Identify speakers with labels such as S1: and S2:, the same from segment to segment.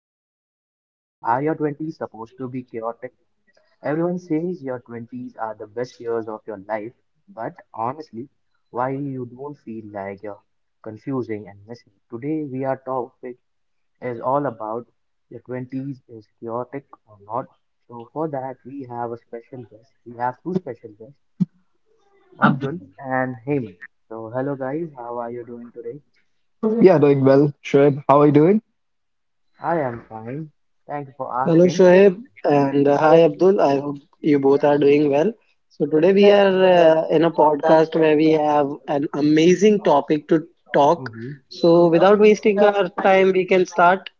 S1: to life. Are your twenties supposed to be chaotic? Everyone says your twenties are the best years of your life, but honestly, why you don't feel like you're confusing and missing? Today we are topic is all about your twenties is chaotic or not. So for that we have a special guest. We have two special guests. Abdul and Heyman. So, hello guys, how are you doing today?
S2: Yeah, doing well. Shoaib, how are you doing?
S1: I am fine. Thank you for
S3: Hello
S1: asking.
S3: Shoaib and hi Abdul. I hope you both are doing well. So today we are in a podcast where we have an amazing topic to talk.
S1: hmm
S3: So without wasting our time, we can start.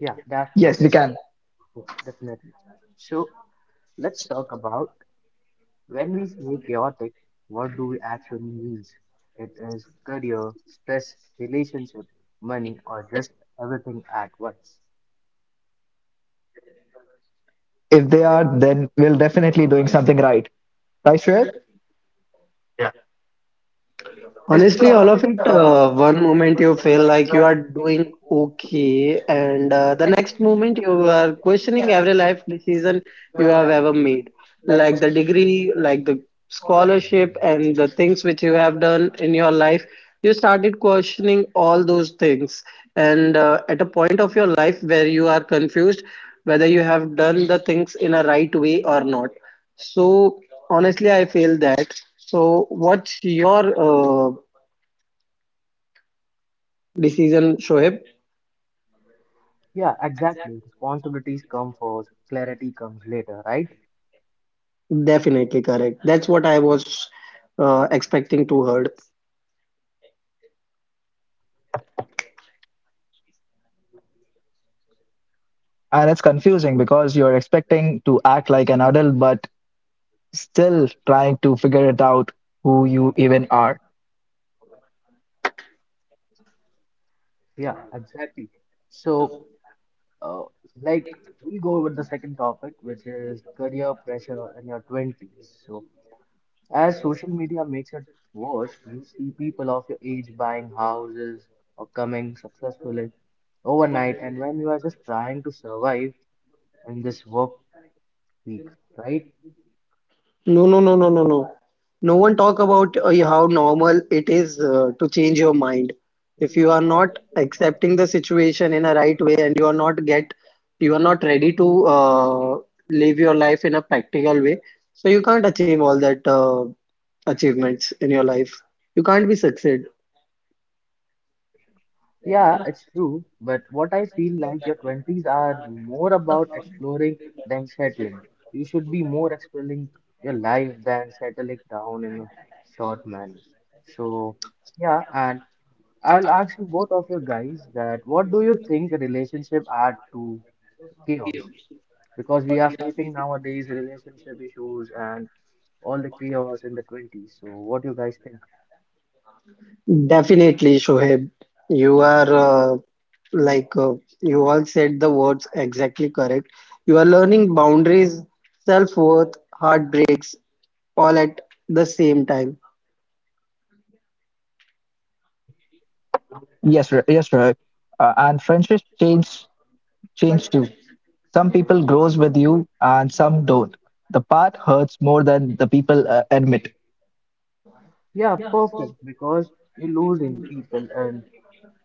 S1: Yeah,
S2: Yes, we
S1: definitely.
S2: can.
S1: Yeah, definitely. So, let's talk about, when we say chaotic, what do we actually mean? It is career, stress, relationship, money, or just everything at once.
S2: If they are, then we're definitely doing something right. Right, Shoaib?
S3: Honestly, all of it, one moment you feel like you are doing okay, and the next moment you are questioning every life decision you have ever made, like the degree, like the scholarship, and the things which you have done in your life. You started questioning all those things, and at a point of your life where you are confused whether you have done the things in a right way or not. So honestly, I feel that. So what's your decision, Shoaib?
S1: Yeah, exactly. Responsibilities come first, clarity comes later, right?
S3: Definitely correct. That's what I was expecting to heard.
S2: And it's confusing because you're expecting to act like an adult, but still trying to figure it out who you even are.
S1: Yeah, exactly. So, uh, like, we'll go with the second topic, which is career pressure in your 20s. So, as social media makes it worse, you see people of your age buying houses or coming successfully overnight, and when you are just trying to survive in this work week, right?
S3: No, no, no, no, no, no. No one talk about how normal it is to change your mind. If you are not accepting the situation in a right way and you are not get, you are not ready to live your life in a practical way, so you can't achieve all that achievements in your life. You can't be succeed.
S1: Yeah, it's true, but what I feel like your 20s are more about exploring than settling. You should be more exploring your life than settling down in a short manner. So, yeah, and I'll ask you both of you guys that what do you think relationship add to chaos? Because we are facing nowadays relationship issues and all the chaos in the 20s. So, what do you guys think?
S3: Definitely, Shoaib. You are like you all said the words exactly correct. You are learning boundaries, self-worth, heartbreaks all at the same time.
S2: Yes, Shoaib. And friendships change too. Some people grows with you and some don't. The part hurts more than the people admit.
S1: Yeah, perfect. Because you losing people and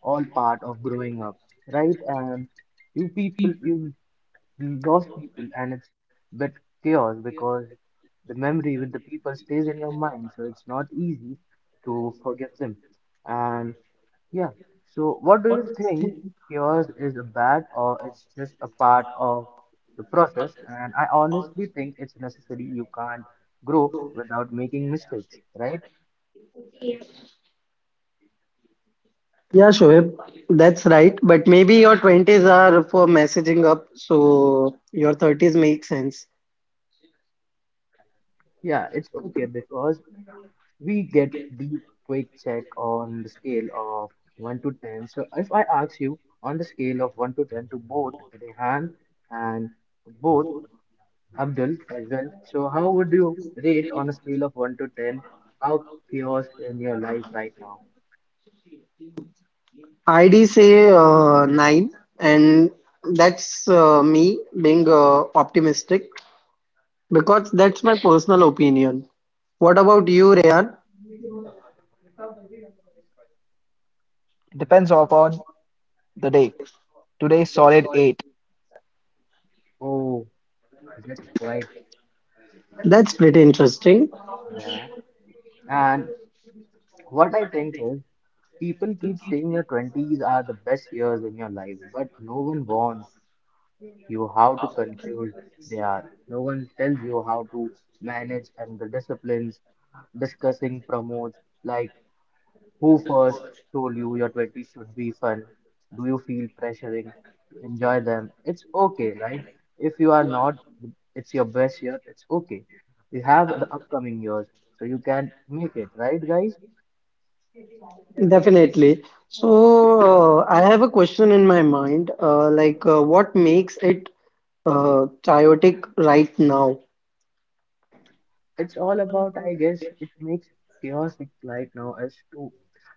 S1: all part of growing up, right? And you people, you lost people, and it's bit chaos because the memory with the people stays in your mind, so it's not easy to forget them. And yeah, so what do you think, chaos is a bad or it's just a part of the process? And I honestly think it's necessary. You can't grow without making mistakes, right?
S3: Yeah, Shoaib, that's right. But maybe your 20s are for messaging up, so your 30s make sense.
S1: Yeah, it's okay because we get deep quick check on the scale of 1 to 10. So if I ask you on the scale of 1 to 10 to both Rehan and both Abdul as well, so how would you rate on a scale of 1 to 10 how chaos in your life right now?
S3: I'd say 9, and that's me being optimistic because that's my personal opinion. What about you, Rayan?
S4: Depends upon the day. Today's solid eight.
S1: Oh, that's quite,
S3: That's pretty interesting.
S1: yeah. And what I think is people keep saying your 20s are the best years in your life, but no one warns you how to confuse they are. No one tells you how to manage and the disciplines discussing promotes like who first told you your 20s should be fun? Do you feel pressuring to enjoy them? It's okay, right? If you are not, it's your best year, it's okay. You have the upcoming years, so you can make it, right, guys?
S3: Definitely. So, I have a question in my mind, what makes it chaotic right now?
S1: It's all about, I guess, it makes chaotic right now as to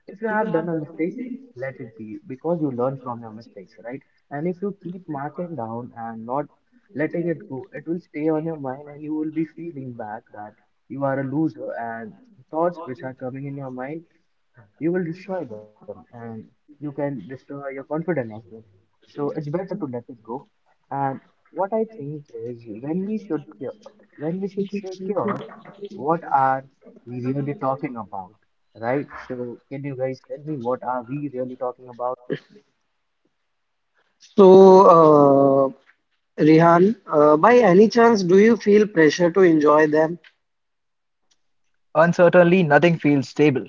S1: if you have done a mistake, let it be because you learn from your mistakes, right? And if you keep marking down and not letting it go, it will stay on your mind and you will be feeling back that you are a loser, and the thoughts which are coming in your mind, you will destroy them and you can destroy your confidence as well. So it's better to let it go. And what I think is when we should cure, when we should say cure, what are we really talking about, right? So can you guys tell me what are we really talking about?
S3: So, Rihan, by any chance, do you feel pressure to enjoy them?
S4: Uncertainly, nothing feels stable.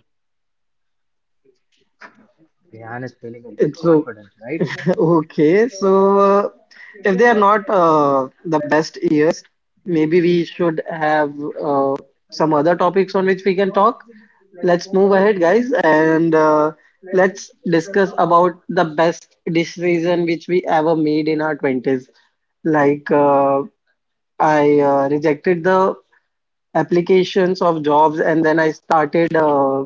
S1: Rehan is feeling a bit
S3: It's o-
S1: confident, right?
S3: okay. So, if they are not the best years, maybe we should have uh, some other topics on which we can talk. Let's move ahead, guys, and let's discuss about the best decision which we ever made in our 20s. Like, I rejected the applications of jobs and then I started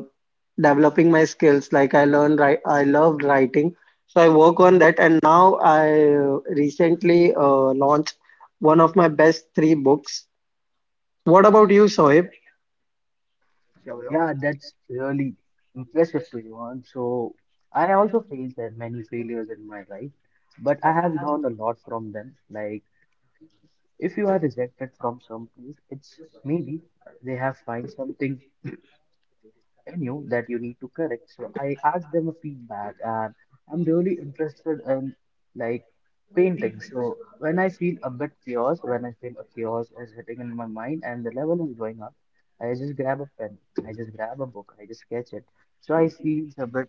S3: developing my skills. Like, I loved writing, so I work on that. And now I recently launched one of my best three books. What about you, Sohaib?
S1: So yeah, that's really impressive to you. And so I also faced that many failures in my life, but I have learned a lot from them. Like if you are rejected from some place, it's maybe they have find something I knew that you need to correct. So I asked them a feedback, and I'm really interested in like painting. So when I feel a bit chaos, when I feel a chaos is hitting in my mind and the level is going up, I just grab a pen, I just grab a book, I just sketch it. So I feel a bit,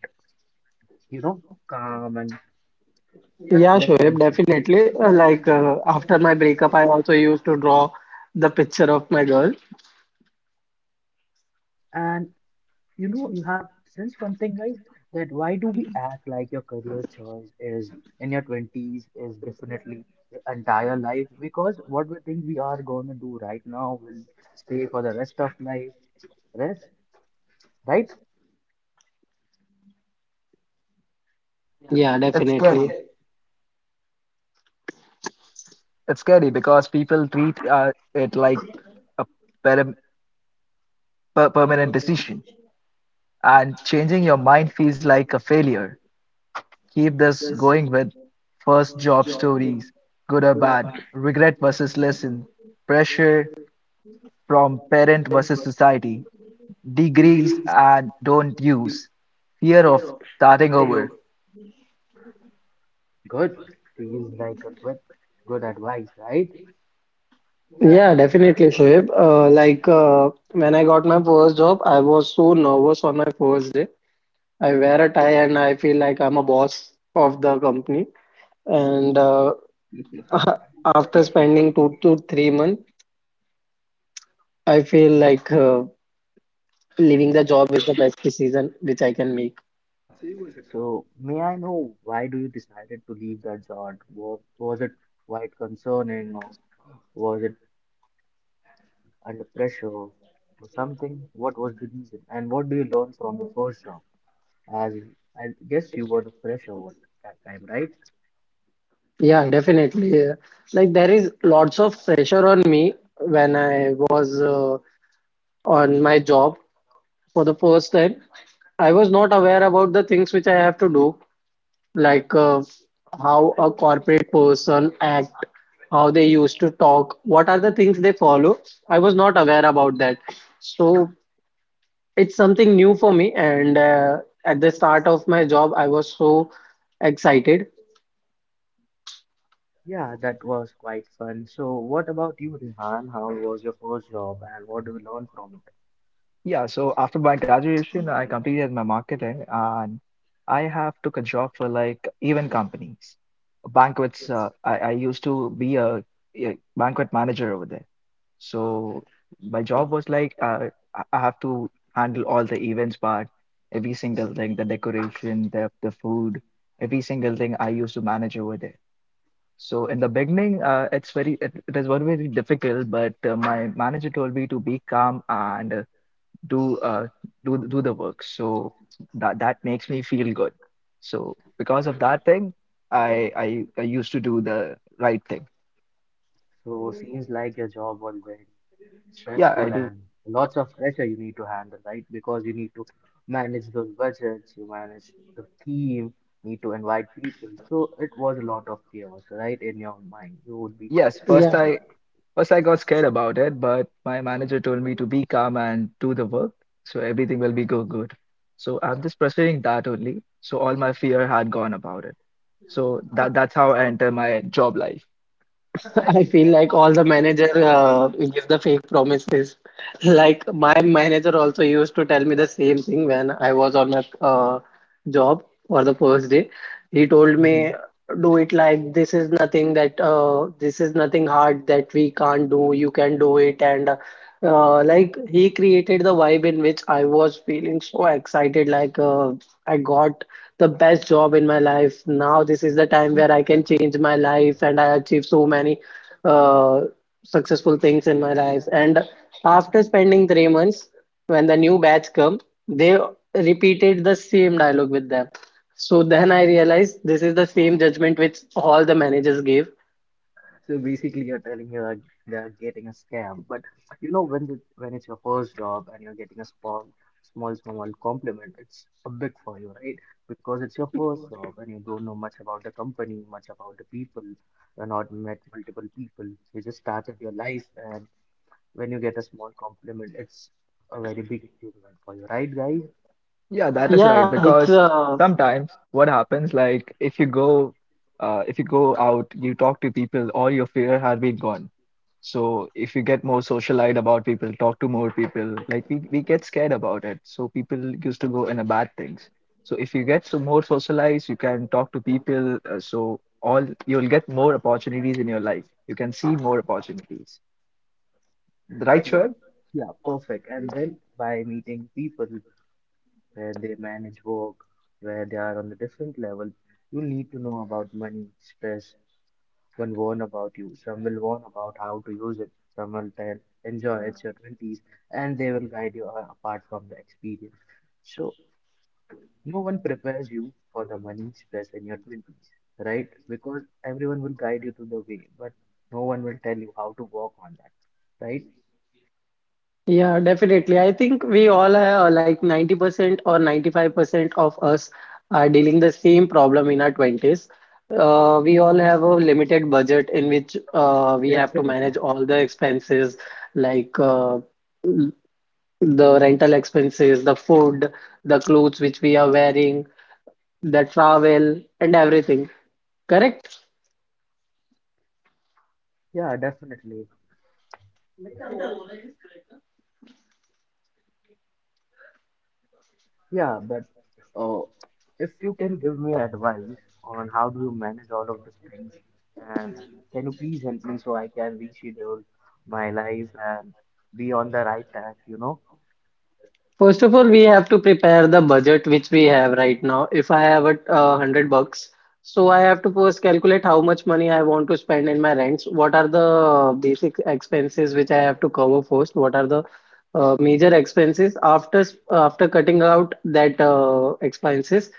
S1: you know, calm and
S3: Yeah,
S1: less
S3: Shoaib,
S1: pressure.
S3: definitely. Like after my breakup, I also used to draw the picture of my girl.
S1: And you know, you have sensed one thing, guys, that why do we act like your career choice is in your 20s is definitely your entire life? Because what we think we are going to do right now will stay for the rest of life. Rest, right?
S3: Yeah,
S4: It's
S3: definitely.
S4: scary. It's scary because people treat it like a per- permanent decision, and changing your mind feels like a failure. Keep this going with first job stories, good or bad, regret versus lesson, pressure from parent versus society, degrees and don't use, fear of starting over.
S1: Good. Feels like a good, good advice, right?
S3: Yeah, definitely, Shoaib. When I got my first job, I was so nervous on my first day. I wear a tie and I feel like I'm a boss of the company. And after
S1: Yeah.
S3: spending 2 to 3 months, I feel like leaving the job is the best decision which I can make.
S1: So, may I know why do you decided to leave that job? Was it quite concerning or was it under pressure for something? What was the reason? And what do you learn from the first job? As I guess you were the fresher at that time, right?
S3: Yeah, definitely. Yeah. Like there is lots of pressure on me when I was on my job for the first time. I was not aware about the things which I have to do. Like how a corporate person act, how they used to talk, what are the things they follow. I was not aware about that. So it's something new for me. And at the start of my job, I was so excited.
S1: Yeah, that was quite fun. So, what about you, Rehan? How was your first job, and what do you learn from
S4: Yeah, so after my graduation, I completed my marketing and I have took a job for like event companies, banquets. I used to be a banquet manager over there. So my job was like I have to handle all the events part, every single thing, the decoration, the food, every single thing I used to manage over there. So in the beginning, it's very it is very difficult, but my manager told me to be calm and do do the work. So that makes me feel good. So because of that
S1: it?
S4: thing, I used to do the right thing.
S1: So, seems like your job was very, yeah,
S4: Yeah, I
S1: stressful
S4: do.
S1: and lots of pressure you need to handle, right? Because you need to manage those budgets, you manage the team, need to invite people. So it was a lot of chaos, right? In your mind, you would be yes,
S4: Yes,
S1: so first
S4: first
S3: Yeah.
S1: I
S4: I first I got scared about it, but my manager told me to be calm and do the work, so everything will be go good. So I'm
S1: stressful. So
S4: just pursuing that only. So all my fear had gone about it.
S1: so
S4: So
S1: I'm so
S4: that's how I enter my job life.
S3: I feel like all the manager give the fake promises. Like my manager also used to tell me the same thing when I was on my job for the first day. He told me, "Do it like this is nothing hard that we can't do. You can do it." And like he created the vibe in which I was feeling so excited. Like I got the best job in my life. Now this is the time where I can change my life and I achieve so many uh, successful things in my life. And after spending 3 months, when the new batch come, they repeated the same dialogue with them. So then I realized this is the same judgment which all the managers gave.
S1: So basically, you're telling you that they're getting a scam. But you know, when when it's your first job and you're getting a small compliment, it's a big for you, right? Because it's your first job and you don't know much about the company, much about the people. You're not met multiple people. You just started your life, and when you get a small compliment, it's a very big achievement for you, right, guys?
S4: Yeah, that is right.
S3: Yeah,
S4: And
S3: it's
S4: because sometimes what happens, like if you go out, you talk to people, all your fear had been gone. So if you get more socialite about people, talk to more people, like we get scared about it. So people used to go in a bad things. So if you get so more socialized, you can talk to people. So all you'll get more opportunities in your life. You can see more opportunities. Right,
S1: Right, yeah. Shivam?
S4: Shoaib?
S1: Yeah, perfect. And then by meeting people, where they manage work, where they are on the different level. You need to know about money, stress. One warn about you, some will warn about how to use it, some will tell enjoy it's your 20s, and they will guide you apart from the experience. So, no one prepares you for the money stress in your 20s, right? Because everyone will guide you to the way, but no one will tell you how to walk on that, right?
S3: yeah, definitely. I think we all are like 90% or 95% of us are dealing the same problem in our 20s. We all have a limited budget in which we have to
S1: Definitely.
S3: manage all the expenses like the rental expenses, the food, the clothes which we are wearing, the travel, and everything. Correct?
S1: Yeah, definitely. Yeah, but uh, if you can give me advice on how do you manage all of these things, and can you please help me so I can reschedule my life and be on the right track, you know?
S3: First of all, we have to prepare the budget which we have right now. If I have a 100 bucks, so I have to first calculate how much money I want to spend in my rents. What are the basic expenses which I have to cover first? What are the major expenses after cutting out that expenses?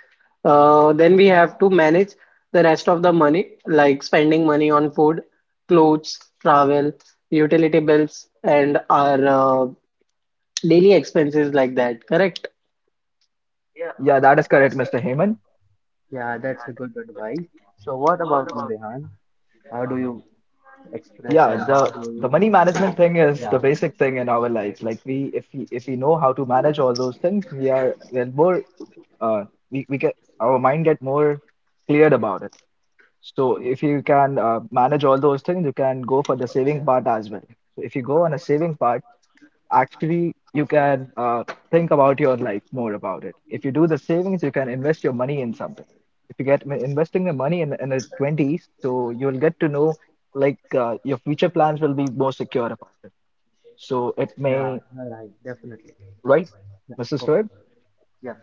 S3: Then we have to manage the rest of the money, like spending money on food, clothes, travel, utility bills, and our daily expenses like that, correct?
S4: Yeah, that is correct, Mr. Heyman.
S1: Yeah, that's a good advice. So what about you, Rehan? How do you express
S4: Yeah,
S1: and how do
S4: the
S1: you?
S4: money
S1: Yeah,
S4: management thing is the
S1: yeah,
S4: basic thing in our lives. Like we, if we know how to manage all those things, we are we're more uh we get our mind get more cleared about it. So if you can manage all those things, you can go for the saving part as well. So if you go on a saving part, actually you can think about your life more about it. If you do the savings, you can invest your money in something. If you get investing the money in the 20s, so you'll get to know like your future plans will be more secure about it. So it may,
S1: yeah, all right, definitely.
S4: right,
S1: Yeah,
S4: Mrs. Ferd?
S1: perfect. Yeah,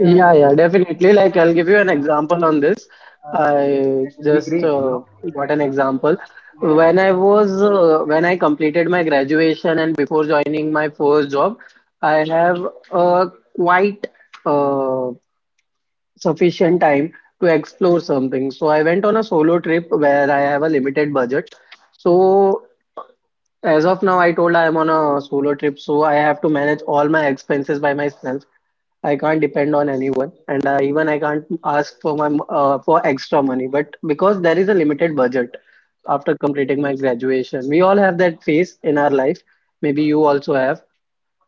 S3: Yeah, yeah, definitely. Like, I'll give you an example on this. I
S1: that will be
S3: just
S1: great, you know?
S3: got an example. When I completed my graduation and before joining my first job, I have quite uh, sufficient time to explore something. So I went on a solo trip where I have a limited budget. So as of now, I told I am on a solo trip, so I have to manage all my expenses by myself. I can't depend on anyone, and even I can't ask for my for extra money. But because there is a limited budget after completing my graduation, we all have that phase in our life. Maybe you also have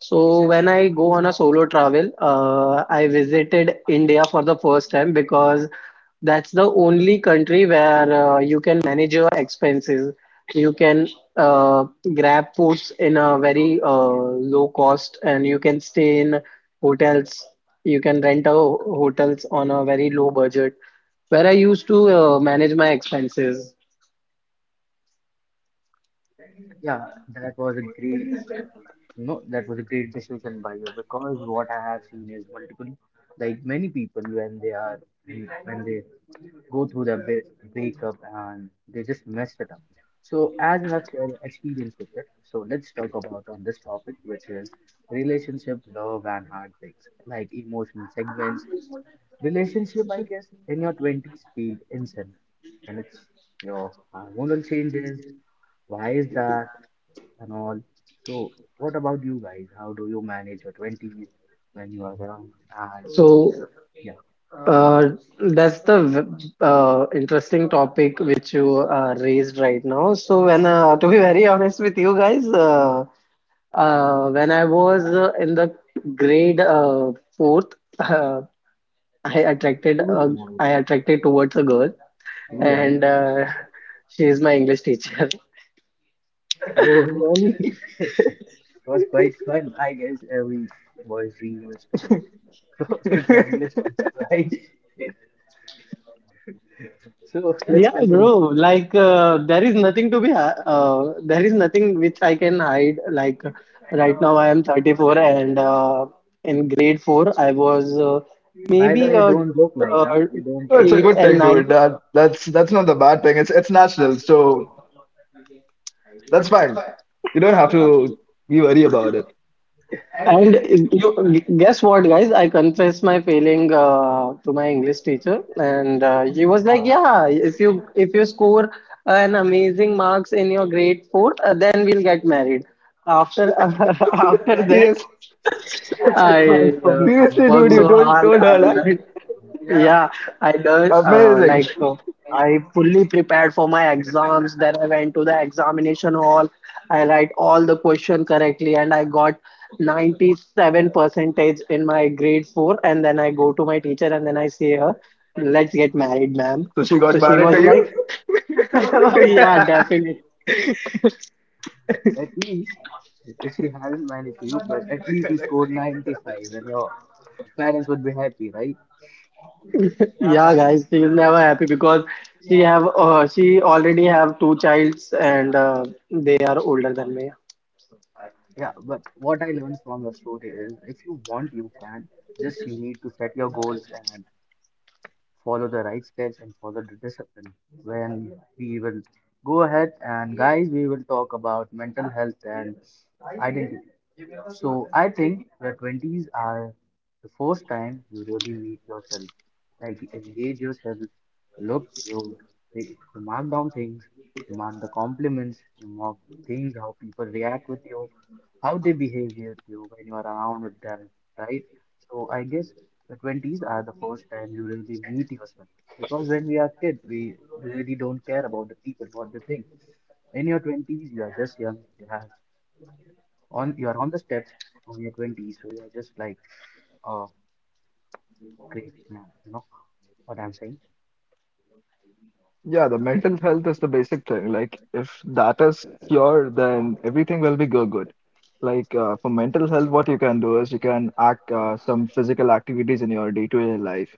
S3: so when I go on a solo travel, I visited India for the first time because that's the only country where you can manage your expenses. You can uh, grab foods in a very low cost, and you can stay in hotels. You can rent out hotels on a very low budget, where I used to manage my expenses.
S1: Yeah, that was a great No, that was a great decision by you because what I have seen is multiple, like many people when they are when they go through their breakup and they just mess it up. So as you have shared your experience with it, so let's talk about on this topic, which is relationship, love, and heartbreaks, like emotional segments. Relationship, I guess, in your twenties feel insane, and it's your hormonal changes. Why is that? And all. So, what about you guys? How do you manage your 20s when you are young? And
S3: So
S1: yeah,
S3: uh, that's the interesting topic which you raised right now. So when to be very honest with you guys, when I was in the grade fourth, uh, I attracted
S1: too
S3: a,
S1: small,
S3: I attracted towards a girl,
S1: too young.
S3: and she is my English teacher.
S1: So, it was quite fun. I guess every boy's dream was great. So, to tell right. So, let's
S3: Yeah,
S1: continue.
S3: bro. Like there is nothing which I can hide. Like right now, I am 34, and in grade four, I was
S1: By the
S3: maybe
S1: way, don't look like, huh?
S3: uh,
S1: You don't,
S4: No,
S1: that's
S4: it's a
S1: look
S3: eight
S1: like.
S4: good
S3: and
S4: thing, dude.
S3: nine.
S4: That's that's not the bad thing. It's natural, so that's fine. You don't have to be worried about it.
S3: And you guess what, guys? I confessed my failing to my English teacher, and he was like,
S1: Wow,
S3: "Yeah, if you score an amazing marks in your grade four, then we'll get married." After after that,
S4: Yes.
S1: that's a quite
S3: I
S1: funny
S4: Seriously, dude,
S3: worked
S4: you
S1: thing.
S3: so
S4: told
S3: hard.
S4: told
S3: I
S4: her that.
S3: learned. Yeah, I learned
S4: Amazing.
S3: I fully prepared for my exams. Then I went to the examination hall. I write all the question correctly, and I got 97 percentage in my grade four. And then I go to my teacher, and then I say her, "Let's get married, ma'am."
S4: So she
S1: You
S4: got
S3: So
S1: got
S3: she
S4: married
S3: was
S4: to
S1: married?
S3: like, "Oh
S4: you?
S3: yeah, definitely."
S1: At least, if he hadn't managed to, but at least you scored 95 and your parents would be happy, right?
S3: Yeah, guys, she is never happy because she already have two childs, and they are older than me.
S1: Yeah, but what I learned from your story is if you want, you can. Just you need to set your goals and follow the right steps and follow the discipline. When we will go ahead, and guys we will talk about mental health and identity. So I think the 20s are the first time you really meet yourself, like you engage yourself, look you, you mark down things, you mark the compliments, you mark the things, how people react with you, how they behave with you when you are around with them, right? So I guess the 20s are the first time you really meet yourself. Because when we are kids, we really don't care about the people, what they think. In your twenties, you are just young. You have on, you are on the steps on your twenties, so you are just like, oh, great man. You know what I'm saying?
S4: Yeah, the mental health is the basic thing. Like, if that is cured, then everything will be go good. Like, for mental health, what you can do is you can act some physical activities in your day-to-day life.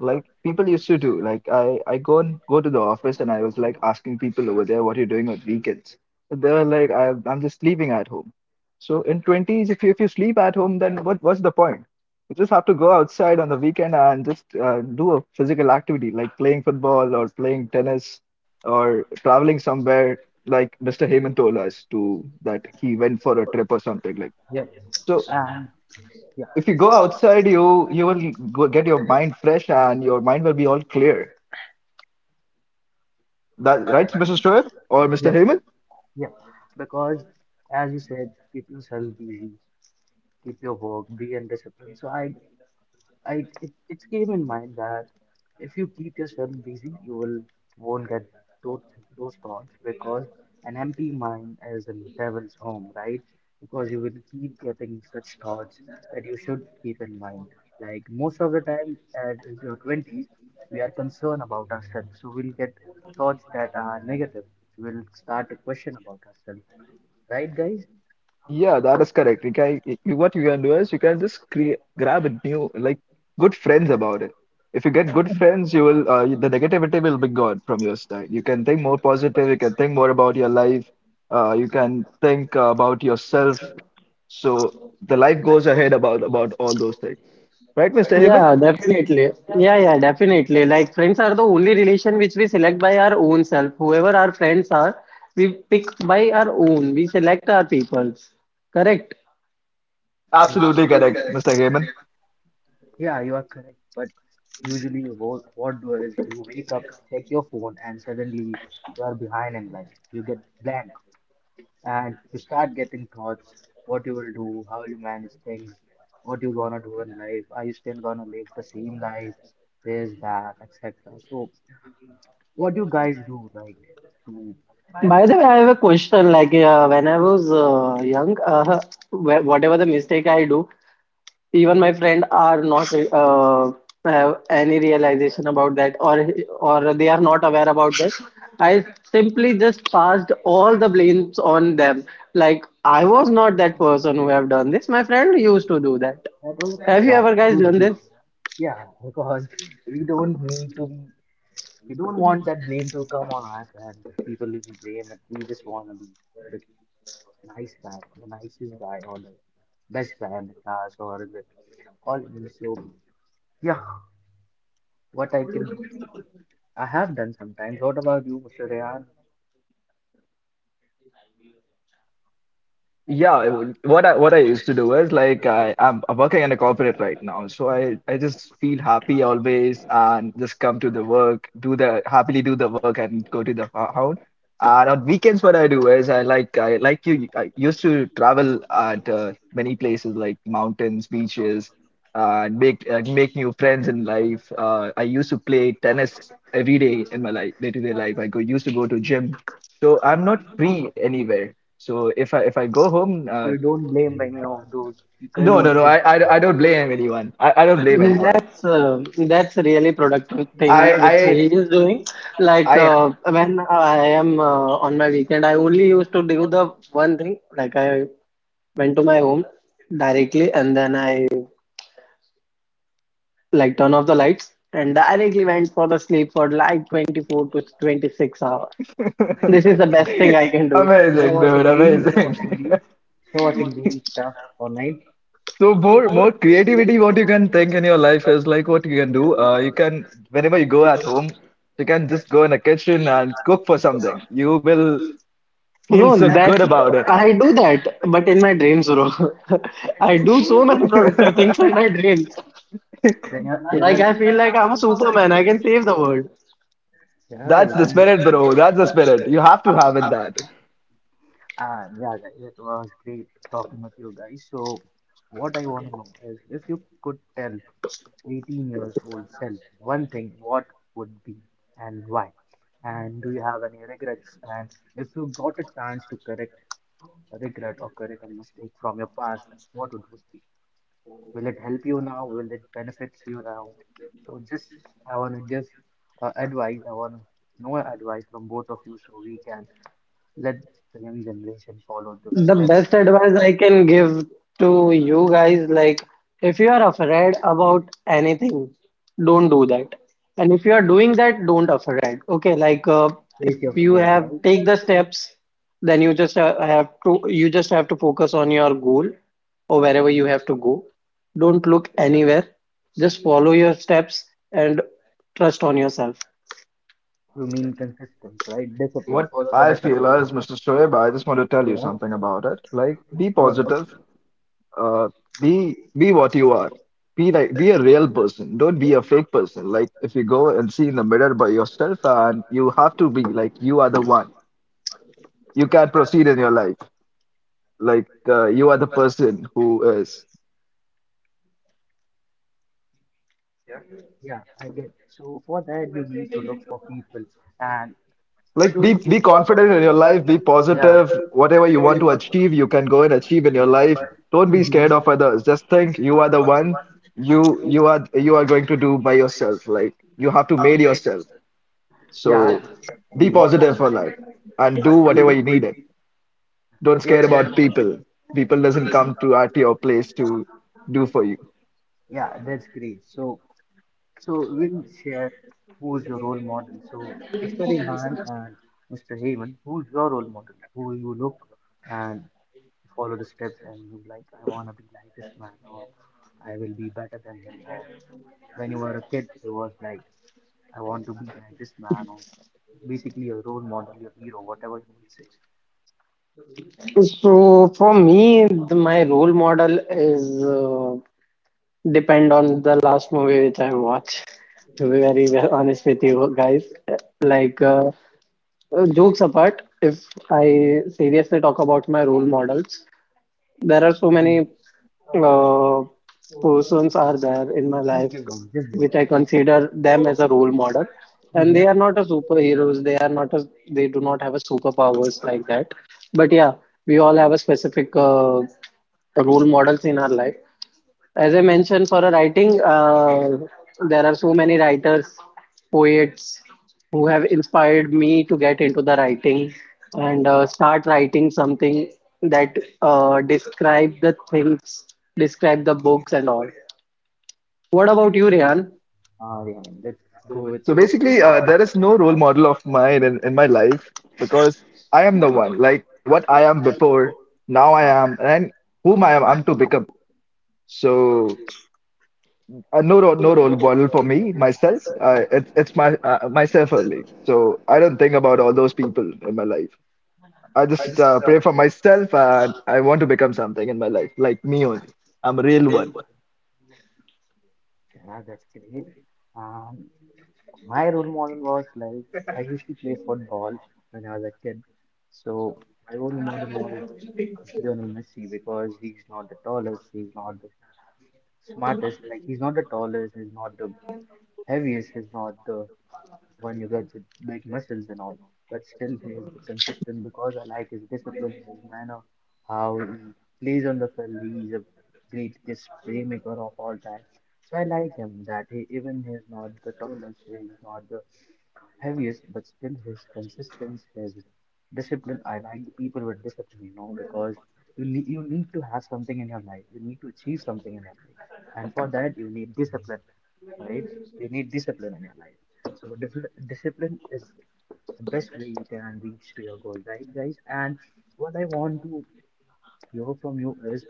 S4: Like people used to do. Like I go to the office and I was like asking people over there, what are you doing on weekends? And they were like, I'm just sleeping at home. So in 20s, if you sleep at home, then what what's the point? You just have to go outside on the weekend and just do a physical activity like playing football or playing tennis or traveling somewhere, like Mr. Heyman told us to that he went for a trip or something like.
S1: Yeah.
S4: So
S1: So and yeah,
S4: if
S1: if
S4: you
S1: you go
S4: go outside,
S1: outside,
S4: you
S1: you
S4: you will go get your mind fresh and your mind will be all clear.
S1: that
S4: That right,
S1: right? Pretty
S4: Mrs.
S1: sure.
S4: Shoaib or
S1: Or-
S4: Mr.
S1: yeah,
S4: Heyman?
S1: yeah. Because as you said, keep yourself busy, keep your work, be in discipline. So I it came in mind that if you keep yourself busy, you will won't get those, those thoughts, because an empty mind is a devil's home, right? Because you will keep getting such thoughts that you should keep in mind. Like most of the time, at your twenties, we are concerned about ourselves, so we'll get thoughts that are negative. We'll start to question about ourselves, right, guys?
S4: Yeah, that is correct. What you can do is you can just create, grab a new, like, good friends about it. If you get good friends, you will, the negativity will be gone from your side. You can think more positive, you can think more about your life, you can think about yourself. So the life goes ahead about all those things. Right, Mr. Heyman?
S3: Yeah, definitely. Yeah, yeah, definitely. Like friends are the only relation which we select by our own self. Whoever our friends are, we pick by our own. We select our peoples. Correct.
S1: Absolutely
S4: Absolutely correct,
S1: correct.
S4: Mr. Heyman.
S1: Yeah, you are correct. But usually, what do is you wake up, check your phone, and suddenly you are behind in life. You get blank, and you start getting thoughts: what you will do, how you manage things, what you gonna do in life. Are you still gonna live the same life? This, that, etc. So, what do you guys do, like, to
S3: By the way, I have a question. Like when I was young, whatever the mistake I do. Even my friend are not have any realization about that, or they are not aware about that. I simply just passed all the blames on them. Like I was not that person who have done this. My friend used to do that.
S1: have a
S3: Have you ever guys
S1: good
S3: done
S1: day?
S3: this?
S1: Yeah, because we don't need to be. We don't want that blame to come on us and the people will be blame, and we just want to be the nice guy, the nicest guy, or the best guy in the class or in the all in. So yeah, what I can, I have done sometimes. What about you, Mr. Rehan?
S4: Yeah, what I used to do is like I'm working in a corporate right now, so I just feel happy always and just come to the work, do the happily do the work and go to the house. And on weekends, what I do is I like you I used to travel at many places like mountains, beaches, and make make new friends in life. I used to play tennis every day in my life, day to day life. I go used to go to gym. So I'm not free anywhere. So if I go home,
S1: So you don't blame any of those colleagues
S4: no,
S1: who
S4: I don't blame anyone. I don't blame anyone.
S3: That's uh, that's really productive thing which
S4: I
S3: he is doing. Like
S4: I
S3: uh, when I am on my weekend, I only used to do the one thing. Like I went to my home directly and then I like turn off the lights and directly went for the sleep for like 24 to 26 hours. This is the best thing
S4: I
S3: I can do.
S1: they're
S4: amazing, dude,
S1: watching reels,
S4: amazing.
S1: they're watching reels stuff online.
S4: So more creativity, what you can think in your life is like what you can do. You can whenever you go at home, you can just go in the kitchen and cook for something. You will feel
S3: No,
S4: so
S1: They're
S4: good
S3: that
S4: about
S3: I do that, but in my dreams, bro. I do so many productive
S4: it.
S3: things in my dreams.
S1: they're
S3: Like
S1: not,
S3: I feel like I'm a superman. I can save the world.
S1: yeah,
S4: That's the spirit,
S1: you
S4: bro. That's the spirit. You have to have
S1: can.
S4: it that.
S1: Yeah, guys, it was great talking with you guys. So, what I want to know is if you could tell 18 years old self one thing, what would be and why? And do you have any regrets? And if you got a chance to correct a regret or correct a mistake from your past, what would it be? Will it help you now? Will it benefit you now? So, just I want to give advice. I want to know advice from both of you so we can let the young generation follow the
S3: The
S1: steps.
S3: best advice I can give to you guys, like if you are afraid about anything, don't do that. And if you are doing that, don't afraid. Okay, like if
S1: Face your
S3: you
S1: fear,
S3: have
S1: right?
S3: take the steps, then you just have to focus on your goal or wherever you have to go. Don't look anywhere. Just follow your steps and trust on yourself.
S1: You mean consistency, right? Discipline.
S4: What
S1: Follow the
S4: I feel
S1: discipline.
S4: is, Mr. Shoaib, I just want to tell you
S1: Yeah.
S4: something about it. Like, be
S1: Go ahead.
S4: positive. Uh, be what you are. Be like be a real person. Don't be a fake person. Like, if you go and see in the mirror by yourself, and you have to be like you are the one. You can proceed in your life. Like,
S1: Right.
S4: you are the person who is.
S1: Yeah, yeah, I get. So for that, you need to look for people and like
S4: Like
S1: show
S4: be
S1: me
S4: be
S1: the-
S4: confident
S1: confidence
S4: in
S1: in
S4: your
S1: your
S4: life,
S1: life
S4: be, yeah,
S1: for the yeah
S4: positive. Whatever you want to achieve, you can go and achieve in your life.
S1: life
S4: Don't
S1: could be,
S4: be
S1: mhm,
S4: scared
S1: scared of
S4: of others.
S1: another.
S4: Just
S1: Like
S4: think you
S1: you
S4: are
S1: are
S4: the
S1: the one.
S4: one you
S1: You
S4: you are you are going to do by yourself. Like you have to made yourself. Yeah.
S1: yeah,
S4: So
S1: so be,
S4: be
S1: yeah,
S4: positive
S1: positive.
S4: for life and do whatever you needed.
S1: Don't,
S4: Don't
S1: yeah,
S4: care
S1: care about
S4: about people. People doesn't come to at your place to do
S1: you.
S4: for you.
S1: Yeah, that's great. So so we'll share who's your role model. So Mr. Rehan and Mr. Heyman, who's your role model? Who you look and follow the steps and you like, I wanna be like this man, or I will be better than him, or when you were a kid you was like, I want to be like this man, or basically your role model, your hero, whatever you will say.
S3: So for me, my role model is depend on the last movie which I watch. To be very well honest with you guys, like jokes apart, if I seriously talk about my role models, there are so
S1: Mhm,
S3: many uh, persons are there in my life which I consider them as a role model, and they are
S1: mhm.
S3: not a superheroes. They are not a. They do not have a superpowers like that. But yeah, we all have a specific role models in our life as I mentioned, for a writing, there are so many writers, poets who have inspired me to get into the writing and start writing something that describe the things, describe the books and all. What about you, Rehan?
S1: Yeah, let's go with
S4: So
S1: you.
S4: basically, there is no role model of mine in my life because I am the one. Like what I am before, now I am, and whom I am, I'm to become. So no role model for me myself. It's my myself only. So I don't think about all those people in my life. I just pray for myself, and I want to become something in my life, like me only. I'm a real one.
S1: Yeah, that's great. Um, My role model was like I used to play football when I was a kid. So my role model was Lionel Messi because he's not the tallest, he's not the smartest, like he's not the tallest, he's not the heaviest, he's not the one you get with big muscles and all. But still he is consistent because I like his discipline, his manner, how he plays on the field. He's a great playmaker of all time. So I like him that he even he's not the tallest, he's not the heaviest, but still his consistency, his discipline. I like the people with discipline, you know, because you need to have something in your life. You need to achieve something in your life, and for that you need discipline, right? You need discipline in your life. So discipline is the best way you can reach to your goal, right, guys? And what I want to hear from you is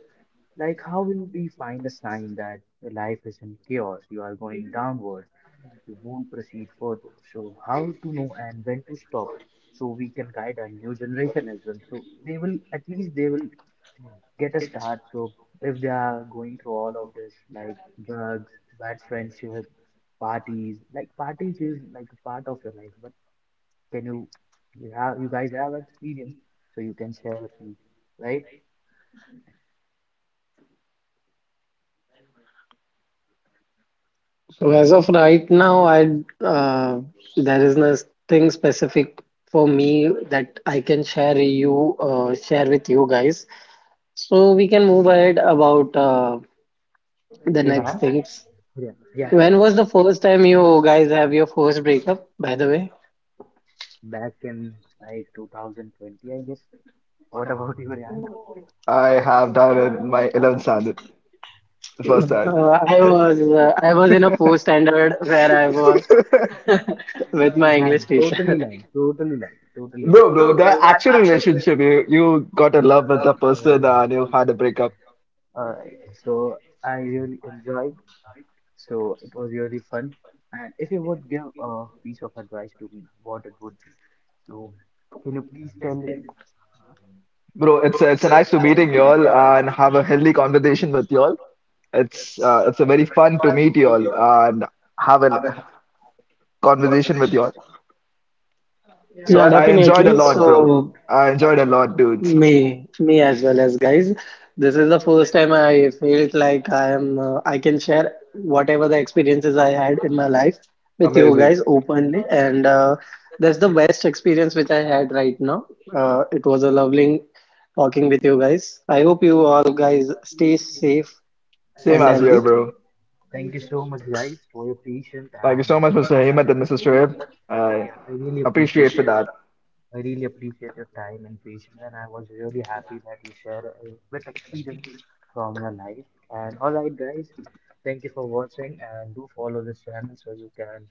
S1: like, how will we find a sign that your life is in chaos? You are going downward, you won't proceed further. So, how to know and when to stop? So, we can guide our new generation as well. So, they will at least they will get a start. So, if they are going through all of this, like drugs, bad friendship, parties, like parties is like a part of your life. But can you, you have you guys have experience, so you can share with me, right?
S3: So as of right now, I there is nothing specific for me that I can share with you guys. So we can move ahead about the next
S1: Rehan?
S3: things.
S1: Yeah, yeah.
S3: When was the first time you guys have your first breakup, by the way?
S1: Back in like 2020, I guess. What about you, Ryan?
S4: I
S1: I
S4: have done in my 11th standard the
S1: but
S4: first time.
S3: I was in a fourth standard where I was with my English
S1: Ryan,
S3: teacher.
S1: totally lying, totally lying, totally lying. No,
S4: No, bro,
S1: bro,
S4: the
S1: that
S4: actual relationship, you got in
S1: had a lot
S4: love
S1: of
S4: with the
S1: oh,
S4: person
S1: nonsense
S4: and you
S1: on.
S4: had a breakup.
S1: Alright, so I really enjoyed. So it was really fun. And if you would give a piece of advice to me, what it would be? So can you please tell it?
S4: Bro,
S1: Bro, it's
S4: it's nice to meeting y'all and have a healthy conversation with y'all. It's a very fun to meet y'all and have
S1: have
S4: a
S1: it.
S4: conversation with y'all.
S1: Yeah, yeah,
S4: So
S3: Yeah,
S4: I
S1: right.
S4: enjoyed a
S3: definitely.
S4: lot, bro.
S3: So
S4: I enjoyed a lot, dudes.
S3: me, me as well as guys. This is the first time I felt like I can share whatever the experiences I had in my life with you
S4: Amazing.
S3: guys openly. And that's the best experience which I had right now. It was a lovely talking with you guys. I hope you all guys stay safe
S1: Lot. Same,
S4: Same
S3: and
S1: yeah, as
S4: as here,
S1: well.
S3: healthy.
S4: bro.
S1: Thank you so much, guys, for your patience
S4: Thank you
S1: and
S4: so
S1: so
S4: much, Mr.
S1: time.
S4: Hemant and Mrs. Shoaib. I
S1: Yeah, I really appreciate
S4: appreciate
S1: it.
S4: for that.
S1: I really appreciate your time and patience, and I was really happy that you shared a bit experience from your life. And all right, guys, thank you for watching, and do follow this channel so you can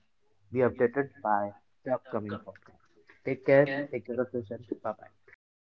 S1: be updated by the upcoming podcast. Take care of yourself. Bye bye.
S4: Bye
S1: Bye